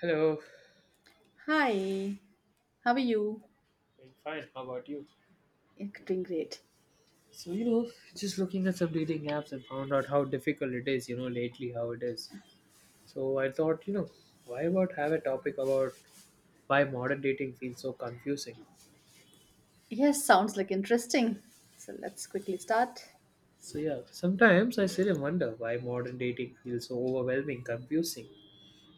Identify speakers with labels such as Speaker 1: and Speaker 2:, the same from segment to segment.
Speaker 1: Hello.
Speaker 2: Hi, how are you?
Speaker 1: Doing fine. How about you?
Speaker 2: Yeah, doing great.
Speaker 1: So, just looking at some dating apps and found out how difficult it is, lately how it is. So I thought, why about have a topic about why modern dating feels so confusing?
Speaker 2: Yes, sounds like interesting. So let's quickly start.
Speaker 1: So yeah, sometimes I sit and wonder why modern dating feels so overwhelming, confusing.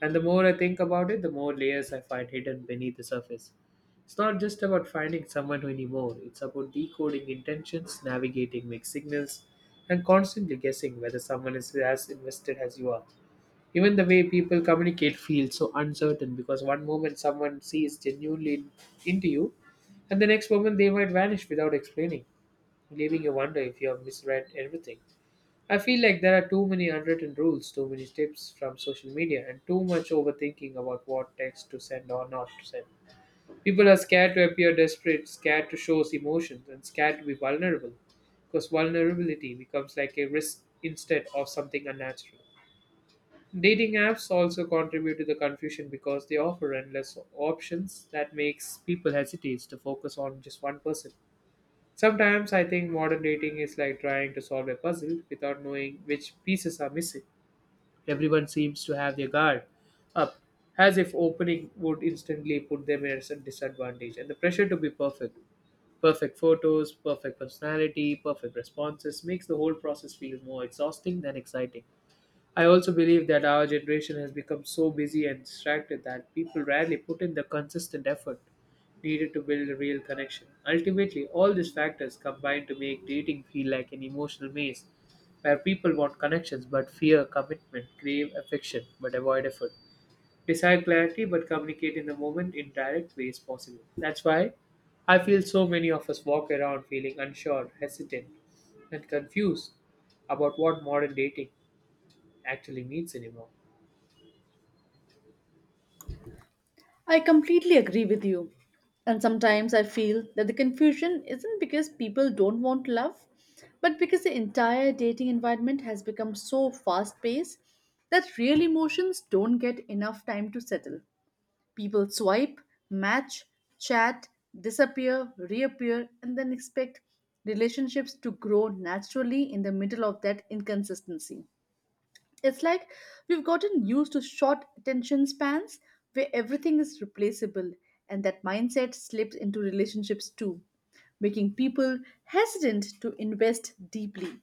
Speaker 1: And the more I think about it, the more layers I find hidden beneath the surface. It's not just about finding someone anymore, it's about decoding intentions, navigating mixed signals, and constantly guessing whether someone is as invested as you are. Even the way people communicate feels so uncertain because one moment someone sees genuinely into you, and the next moment they might vanish without explaining, leaving you wonder if you have misread everything. I feel like there are too many unwritten rules, too many tips from social media, and too much overthinking about what text to send or not to send. People are scared to appear desperate, scared to show emotions, and scared to be vulnerable because vulnerability becomes like a risk instead of something unnatural. Dating apps also contribute to the confusion because they offer endless options that makes people hesitate to focus on just one person. Sometimes I think modern dating is like trying to solve a puzzle without knowing which pieces are missing. Everyone seems to have their guard up, as if opening would instantly put them at a disadvantage. And the pressure to be perfect, perfect photos, perfect personality, perfect responses makes the whole process feel more exhausting than exciting. I also believe that our generation has become so busy and distracted that people rarely put in the consistent effort needed to build a real connection. Ultimately, all these factors combine to make dating feel like an emotional maze where people want connections but fear commitment, crave affection but avoid effort, desire clarity but communicate in the moment in direct ways possible. That's why I feel so many of us walk around feeling unsure, hesitant, and confused about what modern dating actually means anymore.
Speaker 2: I completely agree with you. And sometimes I feel that the confusion isn't because people don't want love, but because the entire dating environment has become so fast paced that real emotions don't get enough time to settle. People swipe, match, chat, disappear, reappear, and then expect relationships to grow naturally in the middle of that inconsistency. It's like we've gotten used to short attention spans where everything is replaceable, and that mindset slips into relationships too, making people hesitant to invest deeply.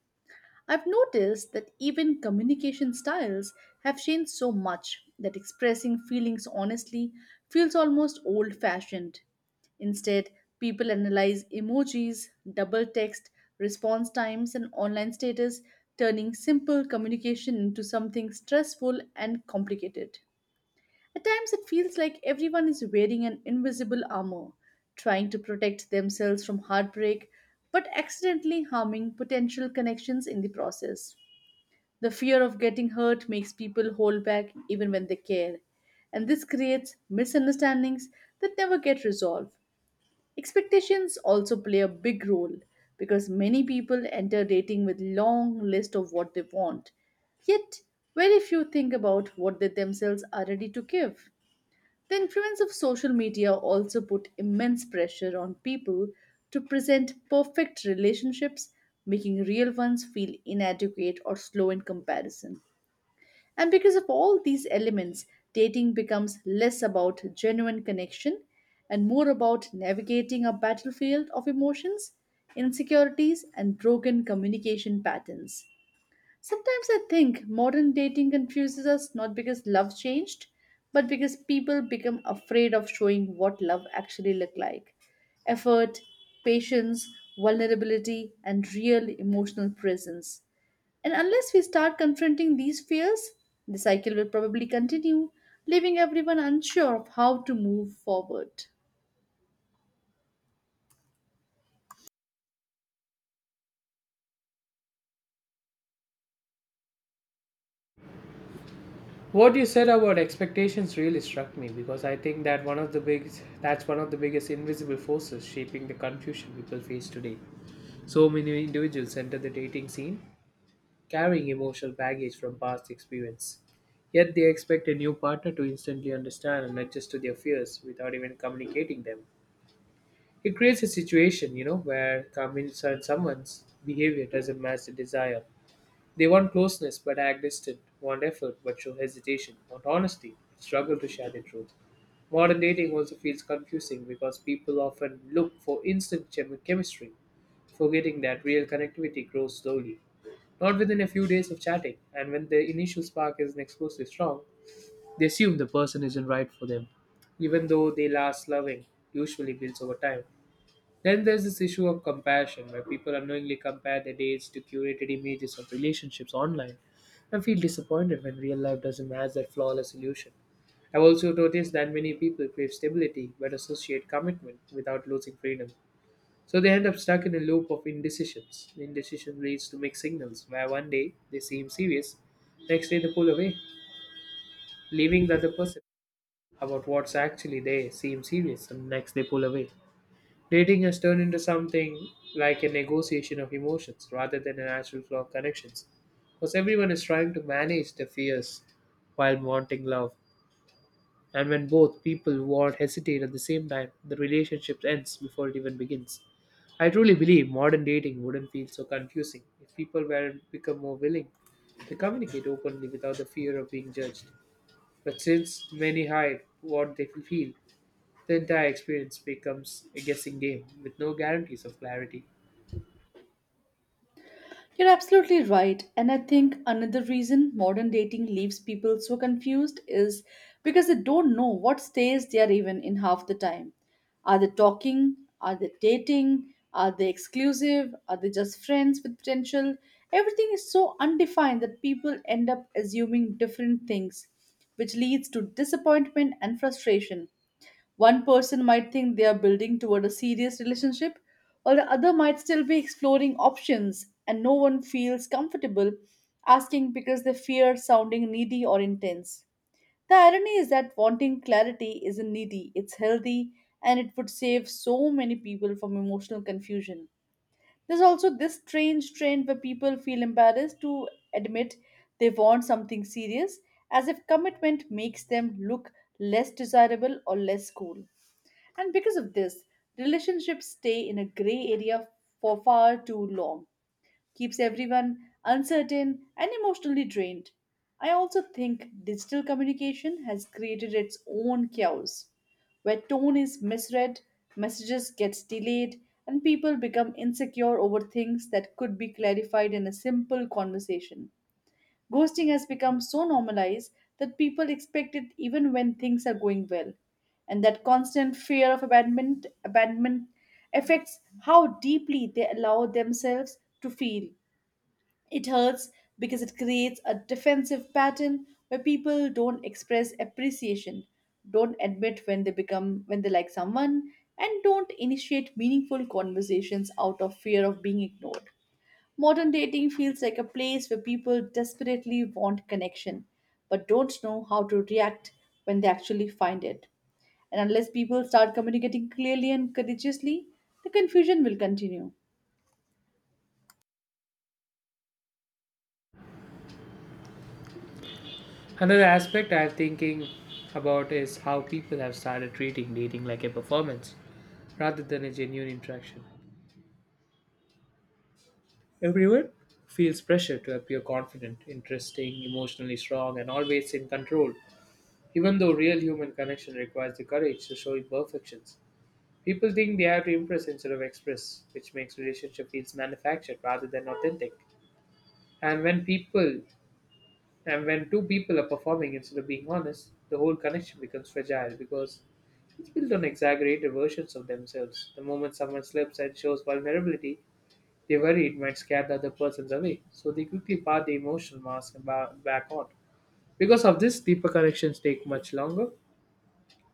Speaker 2: I've noticed that even communication styles have changed so much that expressing feelings honestly feels almost old fashioned. Instead, people analyze emojis, double text, response times, and online status, turning simple communication into something stressful and complicated. At times, it feels like everyone is wearing an invisible armor, trying to protect themselves from heartbreak, but accidentally harming potential connections in the process. The fear of getting hurt makes people hold back even when they care, and this creates misunderstandings that never get resolved. Expectations also play a big role because many people enter dating with long list of what they want, yet very few think about what they themselves are ready to give. The influence of social media also put immense pressure on people to present perfect relationships, making real ones feel inadequate or slow in comparison. And because of all these elements, dating becomes less about genuine connection and more about navigating a battlefield of emotions, insecurities, and broken communication patterns. Sometimes I think modern dating confuses us not because love changed, but because people become afraid of showing what love actually looked like. Effort, patience, vulnerability, and real emotional presence. And unless we start confronting these fears, the cycle will probably continue, leaving everyone unsure of how to move forward.
Speaker 1: What you said about expectations really struck me because I think that one of the biggest invisible forces shaping the confusion people face today. So many individuals enter the dating scene carrying emotional baggage from past experience. Yet they expect a new partner to instantly understand and adjust to their fears without even communicating them. It creates a situation, where convinced someone's behavior doesn't match the desire. They want closeness but act distant, want effort but show hesitation, want honesty but struggle to share the truth. Modern dating also feels confusing because people often look for instant chemistry, forgetting that real connectivity grows slowly, not within a few days of chatting. And when the initial spark isn't explosively strong, they assume the person isn't right for them, even though they last loving usually builds over time. Then there's this issue of compassion, where people unknowingly compare their dates to curated images of relationships online and feel disappointed when real life doesn't match that flawless illusion. I've also noticed that many people crave stability but associate commitment without losing freedom. So they end up stuck in a loop of indecisions. Indecision leads to mixed signals, where one day they seem serious, next day they pull away, leaving the other person about what's actually there seem serious, and next they pull away. Dating has turned into something like a negotiation of emotions rather than a natural flow of connections. Because everyone is trying to manage their fears while wanting love. And when both people want hesitate at the same time, the relationship ends before it even begins. I truly believe modern dating wouldn't feel so confusing if people were become more willing to communicate openly without the fear of being judged. But since many hide what they feel, the entire experience becomes a guessing game with no guarantees of clarity.
Speaker 2: You're absolutely right. And I think another reason modern dating leaves people so confused is because they don't know what stage they are even in half the time. Are they talking? Are they dating? Are they exclusive? Are they just friends with potential? Everything is so undefined that people end up assuming different things, which leads to disappointment and frustration. One person might think they are building toward a serious relationship, while the other might still be exploring options, and no one feels comfortable asking because they fear sounding needy or intense. The irony is that wanting clarity isn't needy, it's healthy, and it would save so many people from emotional confusion. There's also this strange trend where people feel embarrassed to admit they want something serious, as if commitment makes them look less desirable or less cool. And because of this, relationships stay in a gray area for far too long, keeps everyone uncertain and emotionally drained. I also think digital communication has created its own chaos, where tone is misread, messages gets delayed, and people become insecure over things that could be clarified in a simple conversation. Ghosting has become so normalized that people expect it even when things are going well. And that constant fear of abandonment affects how deeply they allow themselves to feel. It hurts because it creates a defensive pattern where people don't express appreciation, don't admit when they become when they like someone, and don't initiate meaningful conversations out of fear of being ignored. Modern dating feels like a place where people desperately want connection but don't know how to react when they actually find it. And unless people start communicating clearly and courageously, the confusion will continue.
Speaker 1: Another aspect I'm thinking about is how people have started treating dating like a performance rather than a genuine interaction. Everyone feels pressure to appear confident, interesting, emotionally strong, and always in control, even though real human connection requires the courage to show imperfections. People think they have to impress instead of express, which makes relationship feels manufactured rather than authentic. And when people And when two people are performing instead of being honest, the whole connection becomes fragile because it's built on exaggerated versions of themselves. The moment someone slips and shows vulnerability, they worry it might scare the other person away, so they quickly part the emotional mask and back on. Because of this, deeper connections take much longer to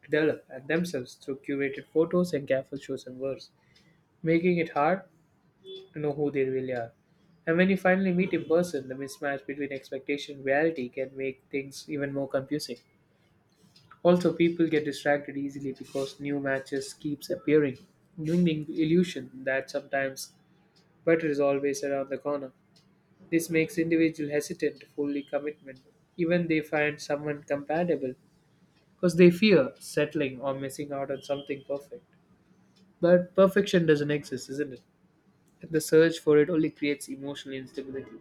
Speaker 1: develop and themselves through curated photos and careful chosen words, making it hard to know who they really are. And when you finally meet in person, the mismatch between expectation and reality can make things even more confusing. Also, people get distracted easily because new matches keeps appearing, giving the illusion that sometimes better is always around the corner. This makes individual hesitant to fully commitment. Even they find someone compatible because they fear settling or missing out on something perfect. But perfection doesn't exist, isn't it? And the search for it only creates emotional instability.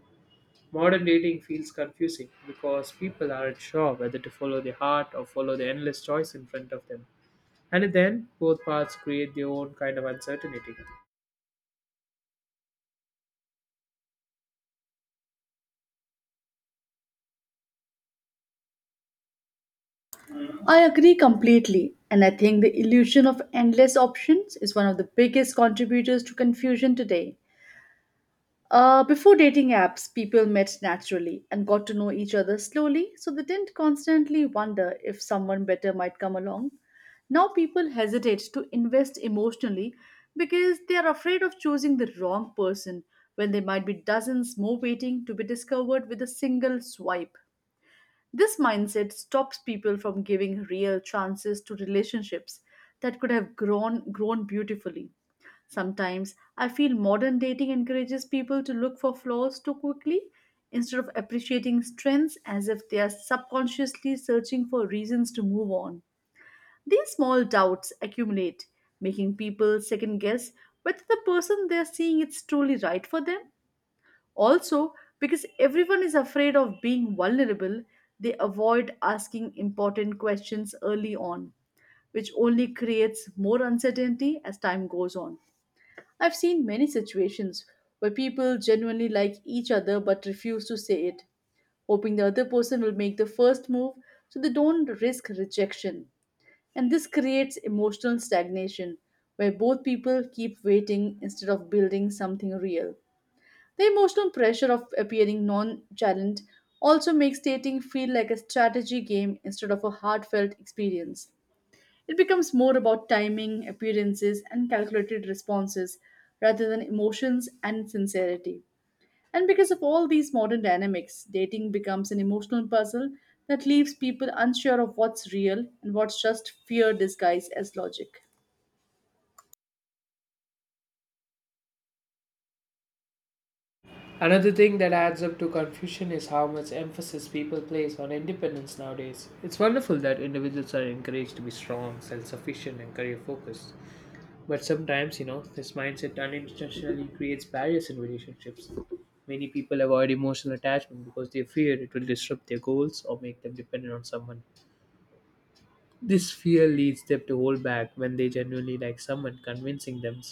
Speaker 1: Modern dating feels confusing because people aren't sure whether to follow their heart or follow the endless choice in front of them. And then both paths create their own kind of uncertainty.
Speaker 2: I agree completely, and I think the illusion of endless options is one of the biggest contributors to confusion today. Before dating apps, people met naturally and got to know each other slowly, so they didn't constantly wonder if someone better might come along. Now people hesitate to invest emotionally because they are afraid of choosing the wrong person when there might be dozens more waiting to be discovered with a single swipe. This mindset stops people from giving real chances to relationships that could have grown beautifully. Sometimes I feel modern dating encourages people to look for flaws too quickly instead of appreciating strengths as if they are subconsciously searching for reasons to move on. These small doubts accumulate, making people second guess whether the person they are seeing is truly right for them. Also, because everyone is afraid of being vulnerable, they avoid asking important questions early on, which only creates more uncertainty as time goes on. I've seen many situations where people genuinely like each other but refuse to say it, hoping the other person will make the first move so they don't risk rejection. And this creates emotional stagnation where both people keep waiting instead of building something real. The emotional pressure of appearing nonchalant also makes dating feel like a strategy game instead of a heartfelt experience. It becomes more about timing, appearances, and calculated responses rather than emotions and sincerity. And because of all these modern dynamics, dating becomes an emotional puzzle that leaves people unsure of what's real and what's just fear disguised as logic.
Speaker 1: Another thing that adds up to confusion is how much emphasis people place on independence nowadays. It's wonderful that individuals are encouraged to be strong, self sufficient, and career focused. But sometimes, this mindset unintentionally creates barriers in relationships. Many people avoid emotional attachment because they fear it will disrupt their goals or make them dependent on someone. This fear leads them to hold back when they genuinely like someone, convincing them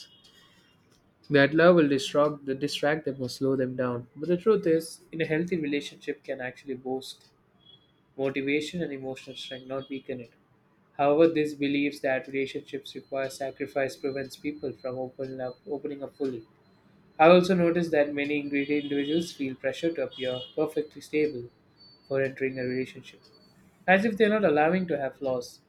Speaker 1: that love will distract them or slow them down. But the truth is, in a healthy relationship can actually boost motivation and emotional strength, not weaken it. However, this believes that relationships require sacrifice prevents people from opening up fully. I also noticed that many ingredient individuals feel pressure to appear perfectly stable for entering a relationship, as if they're not allowing to have flaws.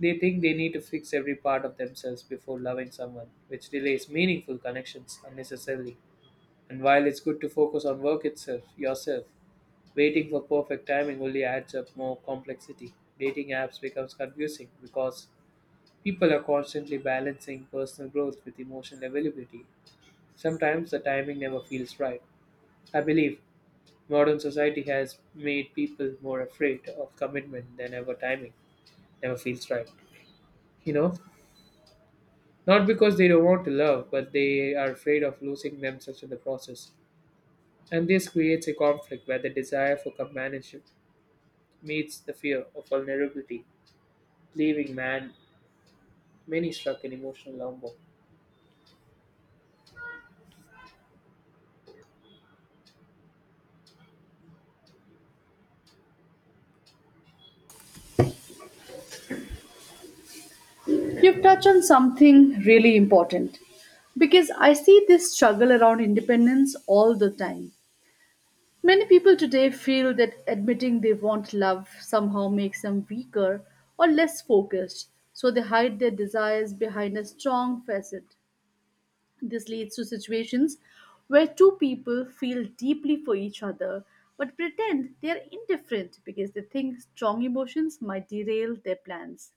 Speaker 1: They think they need to fix every part of themselves before loving someone, which delays meaningful connections unnecessarily. And while it's good to focus on yourself, waiting for perfect timing only adds up more complexity. Dating apps becomes confusing because people are constantly balancing personal growth with emotional availability. Sometimes the timing never feels right. I believe modern society has made people more afraid of commitment than ever timing never feels right. You know, not because they don't want to love, but they are afraid of losing themselves in the process. And this creates a conflict where the desire for companionship meets the fear of vulnerability, leaving many stuck in emotional limbo.
Speaker 2: You've touched on something really important because I see this struggle around independence all the time. Many people today feel that admitting they want love somehow makes them weaker or less focused, so they hide their desires behind a strong facade. This leads to situations where two people feel deeply for each other but pretend they are indifferent because they think strong emotions might derail their plans.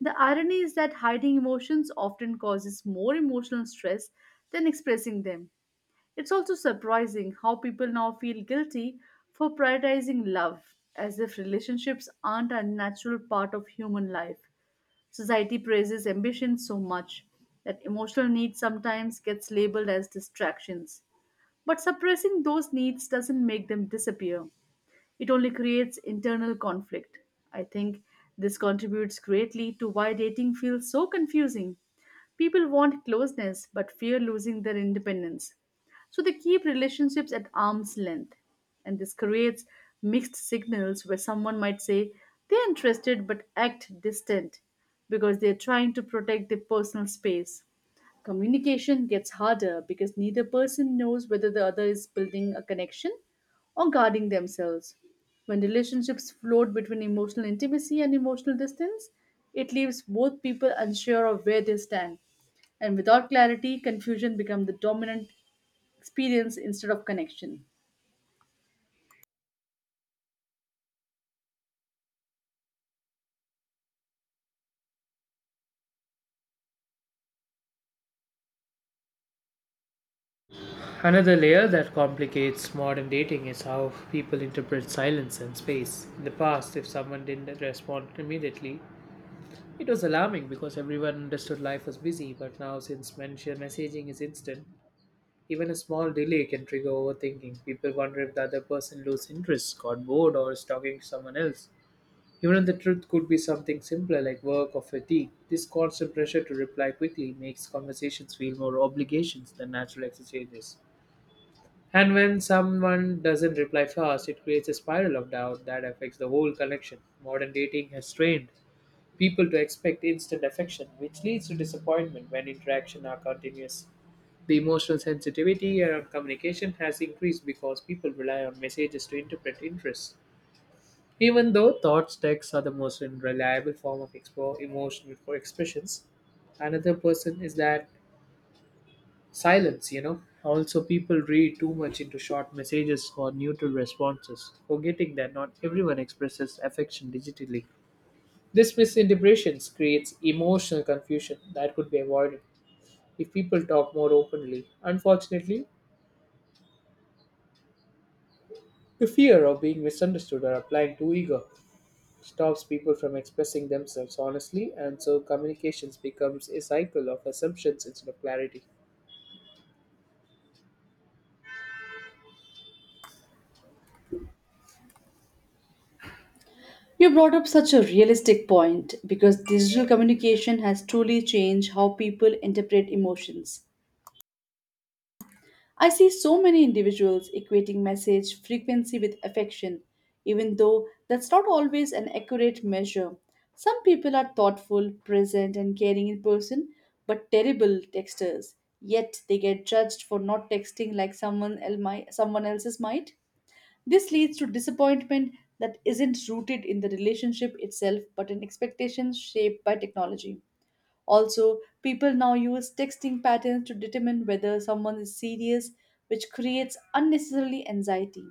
Speaker 2: The irony is that hiding emotions often causes more emotional stress than expressing them. It's also surprising how people now feel guilty for prioritizing love, as if relationships aren't a natural part of human life. Society praises ambition so much that emotional needs sometimes gets labeled as distractions. But suppressing those needs doesn't make them disappear it only creates internal conflict. I think this contributes greatly to why dating feels so confusing. People want closeness but fear losing their independence. So they keep relationships at arm's length. And this creates mixed signals where someone might say they're interested but act distant because they're trying to protect their personal space. Communication gets harder because neither person knows whether the other is building a connection or guarding themselves. When relationships float between emotional intimacy and emotional distance, it leaves both people unsure of where they stand. And without clarity, confusion becomes the dominant experience instead of connection.
Speaker 1: Another layer that complicates modern dating is how people interpret silence and space. In the past, if someone didn't respond immediately, it was alarming because everyone understood life was busy, but now since mention messaging is instant, even a small delay can trigger overthinking. People wonder if the other person loses interest, got bored, or is talking to someone else. Even if the truth could be something simpler like work or fatigue, this constant pressure to reply quickly makes conversations feel more obligations than natural exchanges. And when someone doesn't reply fast, it creates a spiral of doubt that affects the whole connection. Modern dating has trained people to expect instant affection, which leads to disappointment when interactions are continuous. The emotional sensitivity around communication has increased because people rely on messages to interpret interests even though thoughts texts are the most reliable form of emotional for expressions, another person is that silence, Also, people read too much into short messages or neutral responses, forgetting that not everyone expresses affection digitally. This misinterpretations creates emotional confusion that could be avoided if people talk more openly. Unfortunately, the fear of being misunderstood or applying too eager stops people from expressing themselves honestly, and so communications becomes a cycle of assumptions instead of clarity.
Speaker 2: You brought up such a realistic point because digital communication has truly changed how people interpret emotions. I see so many individuals equating message frequency with affection, even though that's not always an accurate measure. Some people are thoughtful, present, and caring in person, but terrible texters. Yet they get judged for not texting like someone else's might. This leads to disappointment that isn't rooted in the relationship itself but in expectations shaped by technology. Also, people now use texting patterns to determine whether someone is serious, which creates unnecessarily anxiety.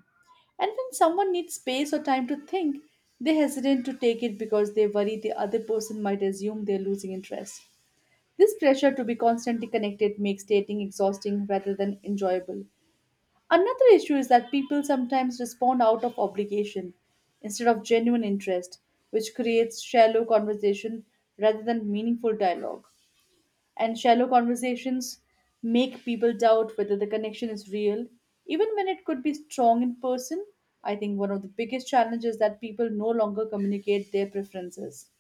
Speaker 2: And when someone needs space or time to think, they hesitate to take it because they worry the other person might assume they're losing interest. This pressure to be constantly connected makes dating exhausting rather than enjoyable. Another issue is that people sometimes respond out of obligation instead of genuine interest, which creates shallow conversation rather than meaningful dialogue. And shallow conversations make people doubt whether the connection is real, even when it could be strong in person. I think one of the biggest challenges is that people no longer communicate their preferences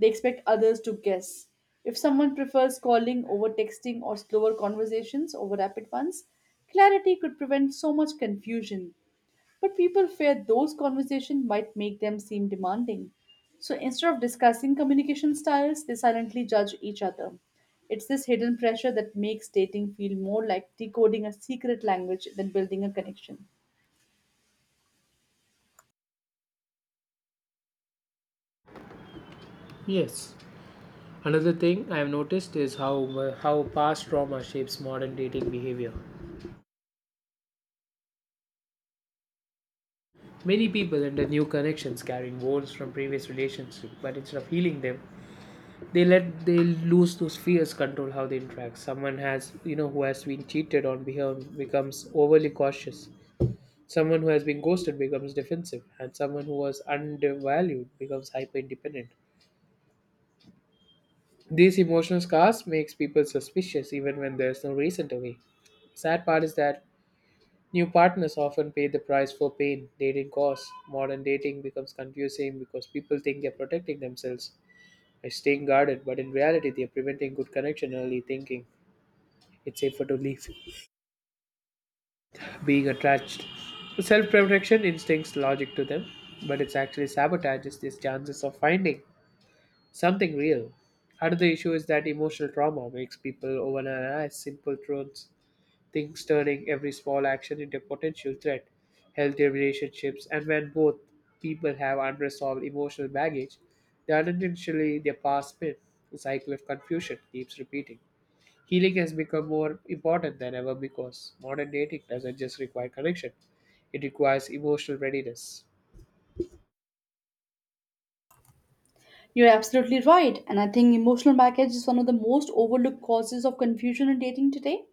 Speaker 2: they expect others to guess. If someone prefers calling over texting or slower conversations over rapid ones, clarity could prevent so much confusion. But people fear those conversations might make them seem demanding. So instead of discussing communication styles, they silently judge each other. It's this hidden pressure that makes dating feel more like decoding a secret language than building a connection.
Speaker 1: Yes. Another thing I've noticed is how past trauma shapes modern dating behavior. Many people enter new connections carrying wounds from previous relationships, but instead of healing them, they lose those fears control how they interact. Someone has you know who has been cheated on becomes overly cautious. Someone who has been ghosted becomes defensive, and someone who was undervalued becomes hyper independent. These emotional scars makes people suspicious even when there's no reason to be. Sad part is that new partners often pay the price for pain dating costs. Modern dating becomes confusing because people think they're protecting themselves by staying guarded, but in reality they're preventing good connection early thinking it's safer to leave being attached. Self-protection instincts logic to them, but it's actually sabotages these chances of finding something real. Another issue is that emotional trauma makes people overanalyze simple truths, things turning every small action into a potential threat, healthy relationships, and when both people have unresolved emotional baggage, they unintentionally their past spin. The cycle of confusion keeps repeating. Healing has become more important than ever because modern dating doesn't just require connection, it requires emotional readiness.
Speaker 2: You're absolutely right, and I think emotional baggage is one of the most overlooked causes of confusion in dating today.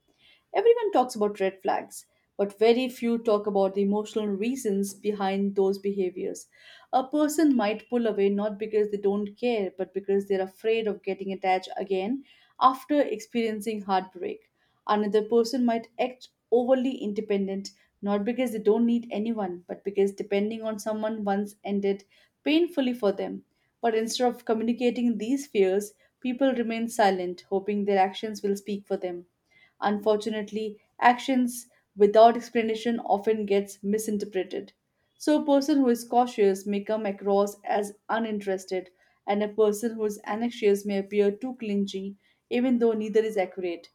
Speaker 2: Everyone talks about red flags, but very few talk about the emotional reasons behind those behaviors. A person might pull away not because they don't care, but because they're afraid of getting attached again after experiencing heartbreak. Another person might act overly independent, not because they don't need anyone, but because depending on someone once ended painfully for them. But instead of communicating these fears, people remain silent, hoping their actions will speak for them. Unfortunately, actions without explanation often gets misinterpreted. So a person who is cautious may come across as uninterested, and a person who is anxious may appear too clingy, even though neither is accurate.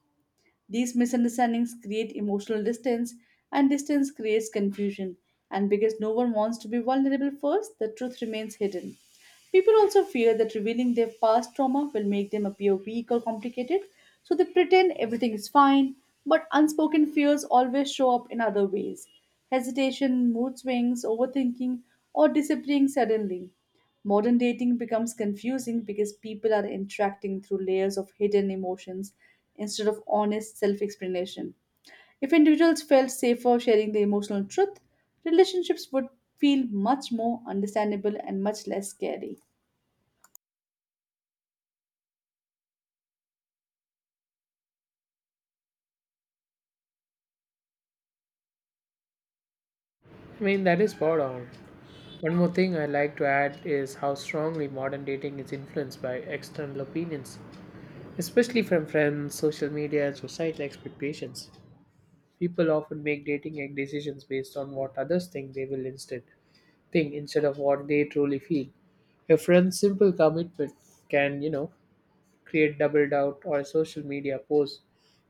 Speaker 2: These misunderstandings create emotional distance, and distance creates confusion. And because no one wants to be vulnerable first, the truth remains hidden. People also fear that revealing their past trauma will make them appear weak or complicated, so they pretend everything is fine, but unspoken fears always show up in other ways hesitation, mood swings, overthinking, or disappearing suddenly. Modern dating becomes confusing because people are interacting through layers of hidden emotions instead of honest self explanation. If individuals felt safer sharing the emotional truth, relationships would feel much more understandable and much less scary.
Speaker 1: I mean, that is spot on. One more thing I like to add is how strongly modern dating is influenced by external opinions, especially from friends, social media, and societal expectations. People often make dating decisions based on what others think they will instead think instead of what they truly feel. A friend's simple commitment can, create double doubt, or a social media post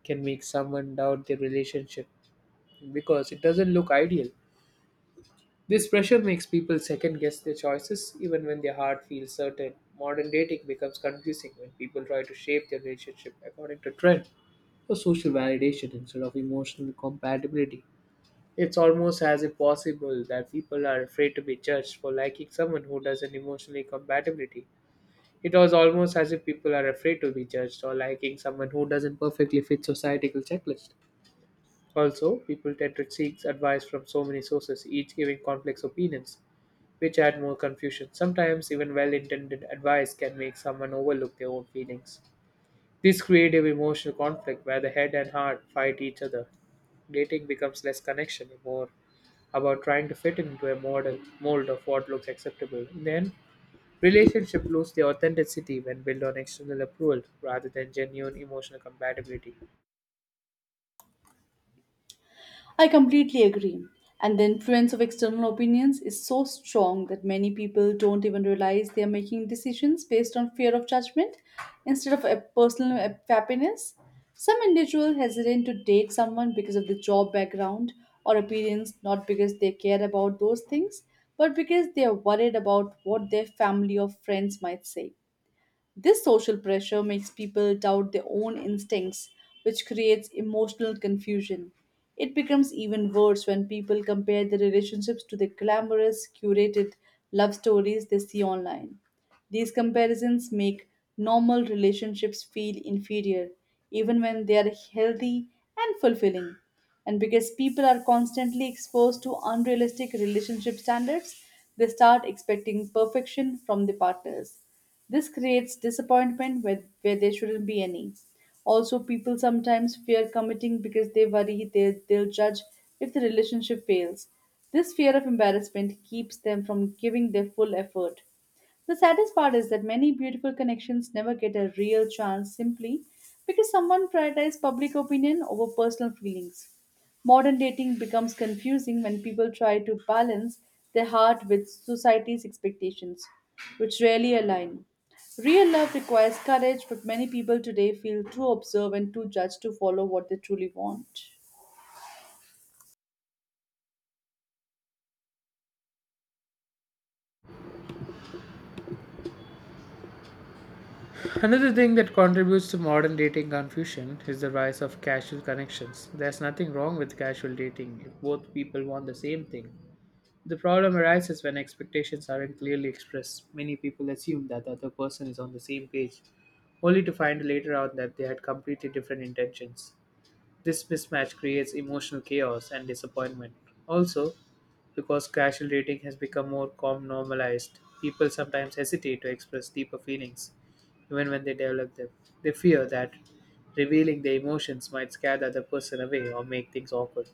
Speaker 1: can make someone doubt their relationship because it doesn't look ideal. This pressure makes people second guess their choices even when their heart feels certain. Modern dating becomes confusing when people try to shape their relationship according to trend or social validation instead of emotional compatibility. It's almost as if possible that people are afraid to be judged for liking someone who doesn't emotionally compatibility. It was almost as if people are afraid to be judged or liking someone who doesn't perfectly fit societal checklist. Also, people tend to seek advice from so many sources, each giving complex opinions which add more confusion. Sometimes, even well intended advice can make someone overlook their own feelings. This creative emotional conflict where the head and heart fight each other. Dating becomes less connection, more about trying to fit into a model mold of what looks acceptable. In the end, relationship lose their authenticity when built on external approval rather than genuine emotional compatibility.
Speaker 2: I completely agree. And the influence of external opinions is so strong that many people don't even realize they are making decisions based on fear of judgment instead of a personal happiness. Some individuals hesitate to date someone because of the job background or appearance, not because they care about those things, but because they are worried about what their family or friends might say. This social pressure makes people doubt their own instincts, which creates emotional confusion. It becomes even worse when people compare their relationships to the glamorous, curated love stories they see online. These comparisons make normal relationships feel inferior, even when they are healthy and fulfilling. And because people are constantly exposed to unrealistic relationship standards, they start expecting perfection from their partners. This creates disappointment where there shouldn't be any. Also, people sometimes fear committing because they worry they'll judge if the relationship fails. This fear of embarrassment keeps them from giving their full effort. The saddest part is that many beautiful connections never get a real chance simply because someone prioritized public opinion over personal feelings. Modern dating becomes confusing when people try to balance their heart with society's expectations, which rarely align. Real love requires courage, but many people today feel too observant, too judged to follow what they truly want.
Speaker 1: Another thing that contributes to modern dating confusion is the rise of casual connections. There's nothing wrong with casual dating if both people want the same thing. The problem arises when expectations aren't clearly expressed. Many people assume that the other person is on the same page, only to find later out that they had completely different intentions. This mismatch creates emotional chaos and disappointment. Also, because casual dating has become more com normalized, people sometimes hesitate to express deeper feelings, even when they develop them. They fear that revealing their emotions might scare the other person away or make things awkward.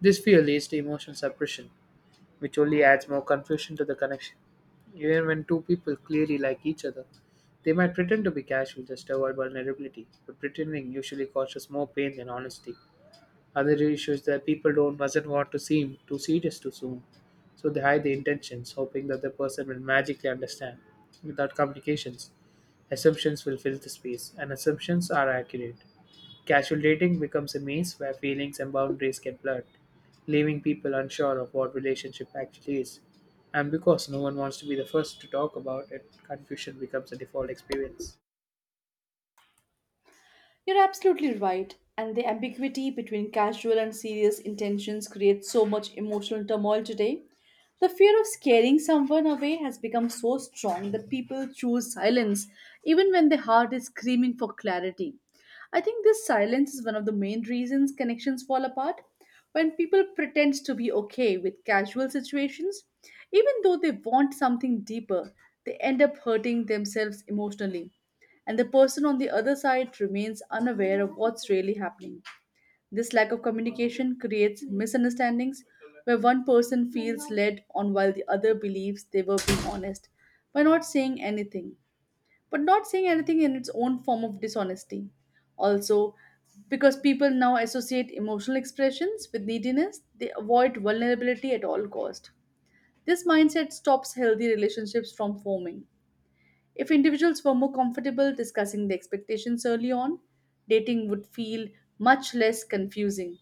Speaker 1: This fear leads to emotional suppression, which only adds more confusion to the connection. Even when two people clearly like each other, they might pretend to be casual just to avoid vulnerability, but pretending usually causes more pain than honesty. Other issue is that people don't doesn't want to seem too serious too soon, so they hide the intentions, hoping that the person will magically understand. Without complications, assumptions will fill the space, and assumptions are accurate. Casual dating becomes a maze where feelings and boundaries get blurred, leaving people unsure of what relationship actually is. And because no one wants to be the first to talk about it, confusion becomes a default experience.
Speaker 2: You're absolutely right. And the ambiguity between casual and serious intentions creates so much emotional turmoil today. The fear of scaring someone away has become so strong that people choose silence even when their heart is screaming for clarity. I think this silence is one of the main reasons connections fall apart. When people pretend to be okay with casual situations, even though they want something deeper, they end up hurting themselves emotionally and the person on the other side remains unaware of what's really happening. This lack of communication creates misunderstandings where one person feels led on while the other believes they were being honest by not saying anything. But not saying anything in its own form of dishonesty. Also, because people now associate emotional expressions with neediness, they avoid vulnerability at all cost. This mindset stops healthy relationships from forming if individuals were more comfortable discussing the expectations early on, dating would feel much less confusing.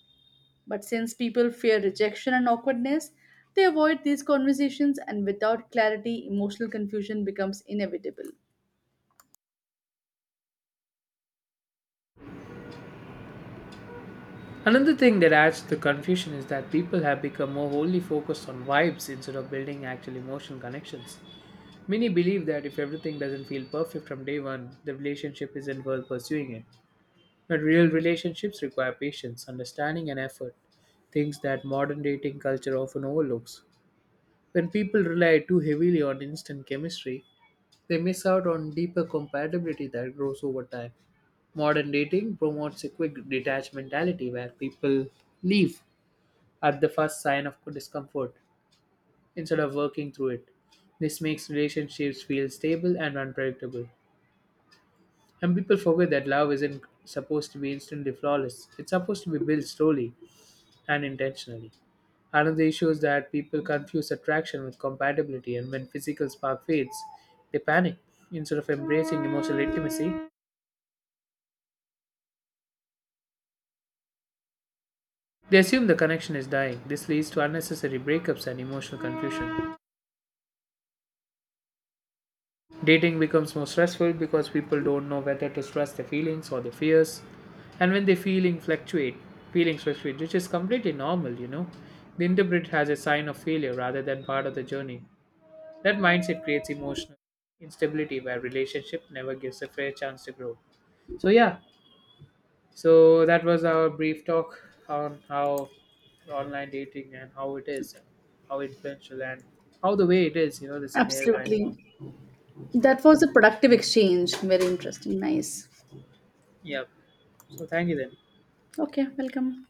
Speaker 2: But since people fear rejection and awkwardness, they avoid these conversations, and without clarity, emotional confusion becomes inevitable.
Speaker 1: Another thing that adds to the confusion is that people have become more wholly focused on vibes instead of building actual emotional connections. Many believe that if everything doesn't feel perfect from day one, the relationship isn't worth pursuing it. But real relationships require patience, understanding, and effort, things that modern dating culture often overlooks. When people rely too heavily on instant chemistry, they miss out on deeper compatibility that grows over time. Modern dating promotes a quick detached mentality where people leave at the first sign of discomfort instead of working through it. This makes relationships feel stable and unpredictable. And people forget that love isn't supposed to be instantly flawless, it's supposed to be built slowly and intentionally. Another issue is that people confuse attraction with compatibility, and when physical spark fades, they panic. Instead of embracing emotional intimacy, they assume the connection is dying. This leads to unnecessary breakups and emotional confusion. Dating becomes more stressful because people don't know whether to stress their feelings or their fears. And when feelings fluctuate, which is completely normal, They interpret it as a sign of failure rather than part of the journey. That mindset creates emotional instability where relationship never gives a fair chance to grow. So yeah, so that was our brief talk on how online dating and how it is, how influential and how the way it is, you know, the scenario and
Speaker 2: Absolutely.
Speaker 1: so, yeah.
Speaker 2: That was a productive exchange. Very interesting. Nice.
Speaker 1: Yeah. So thank you then.
Speaker 2: Okay, welcome.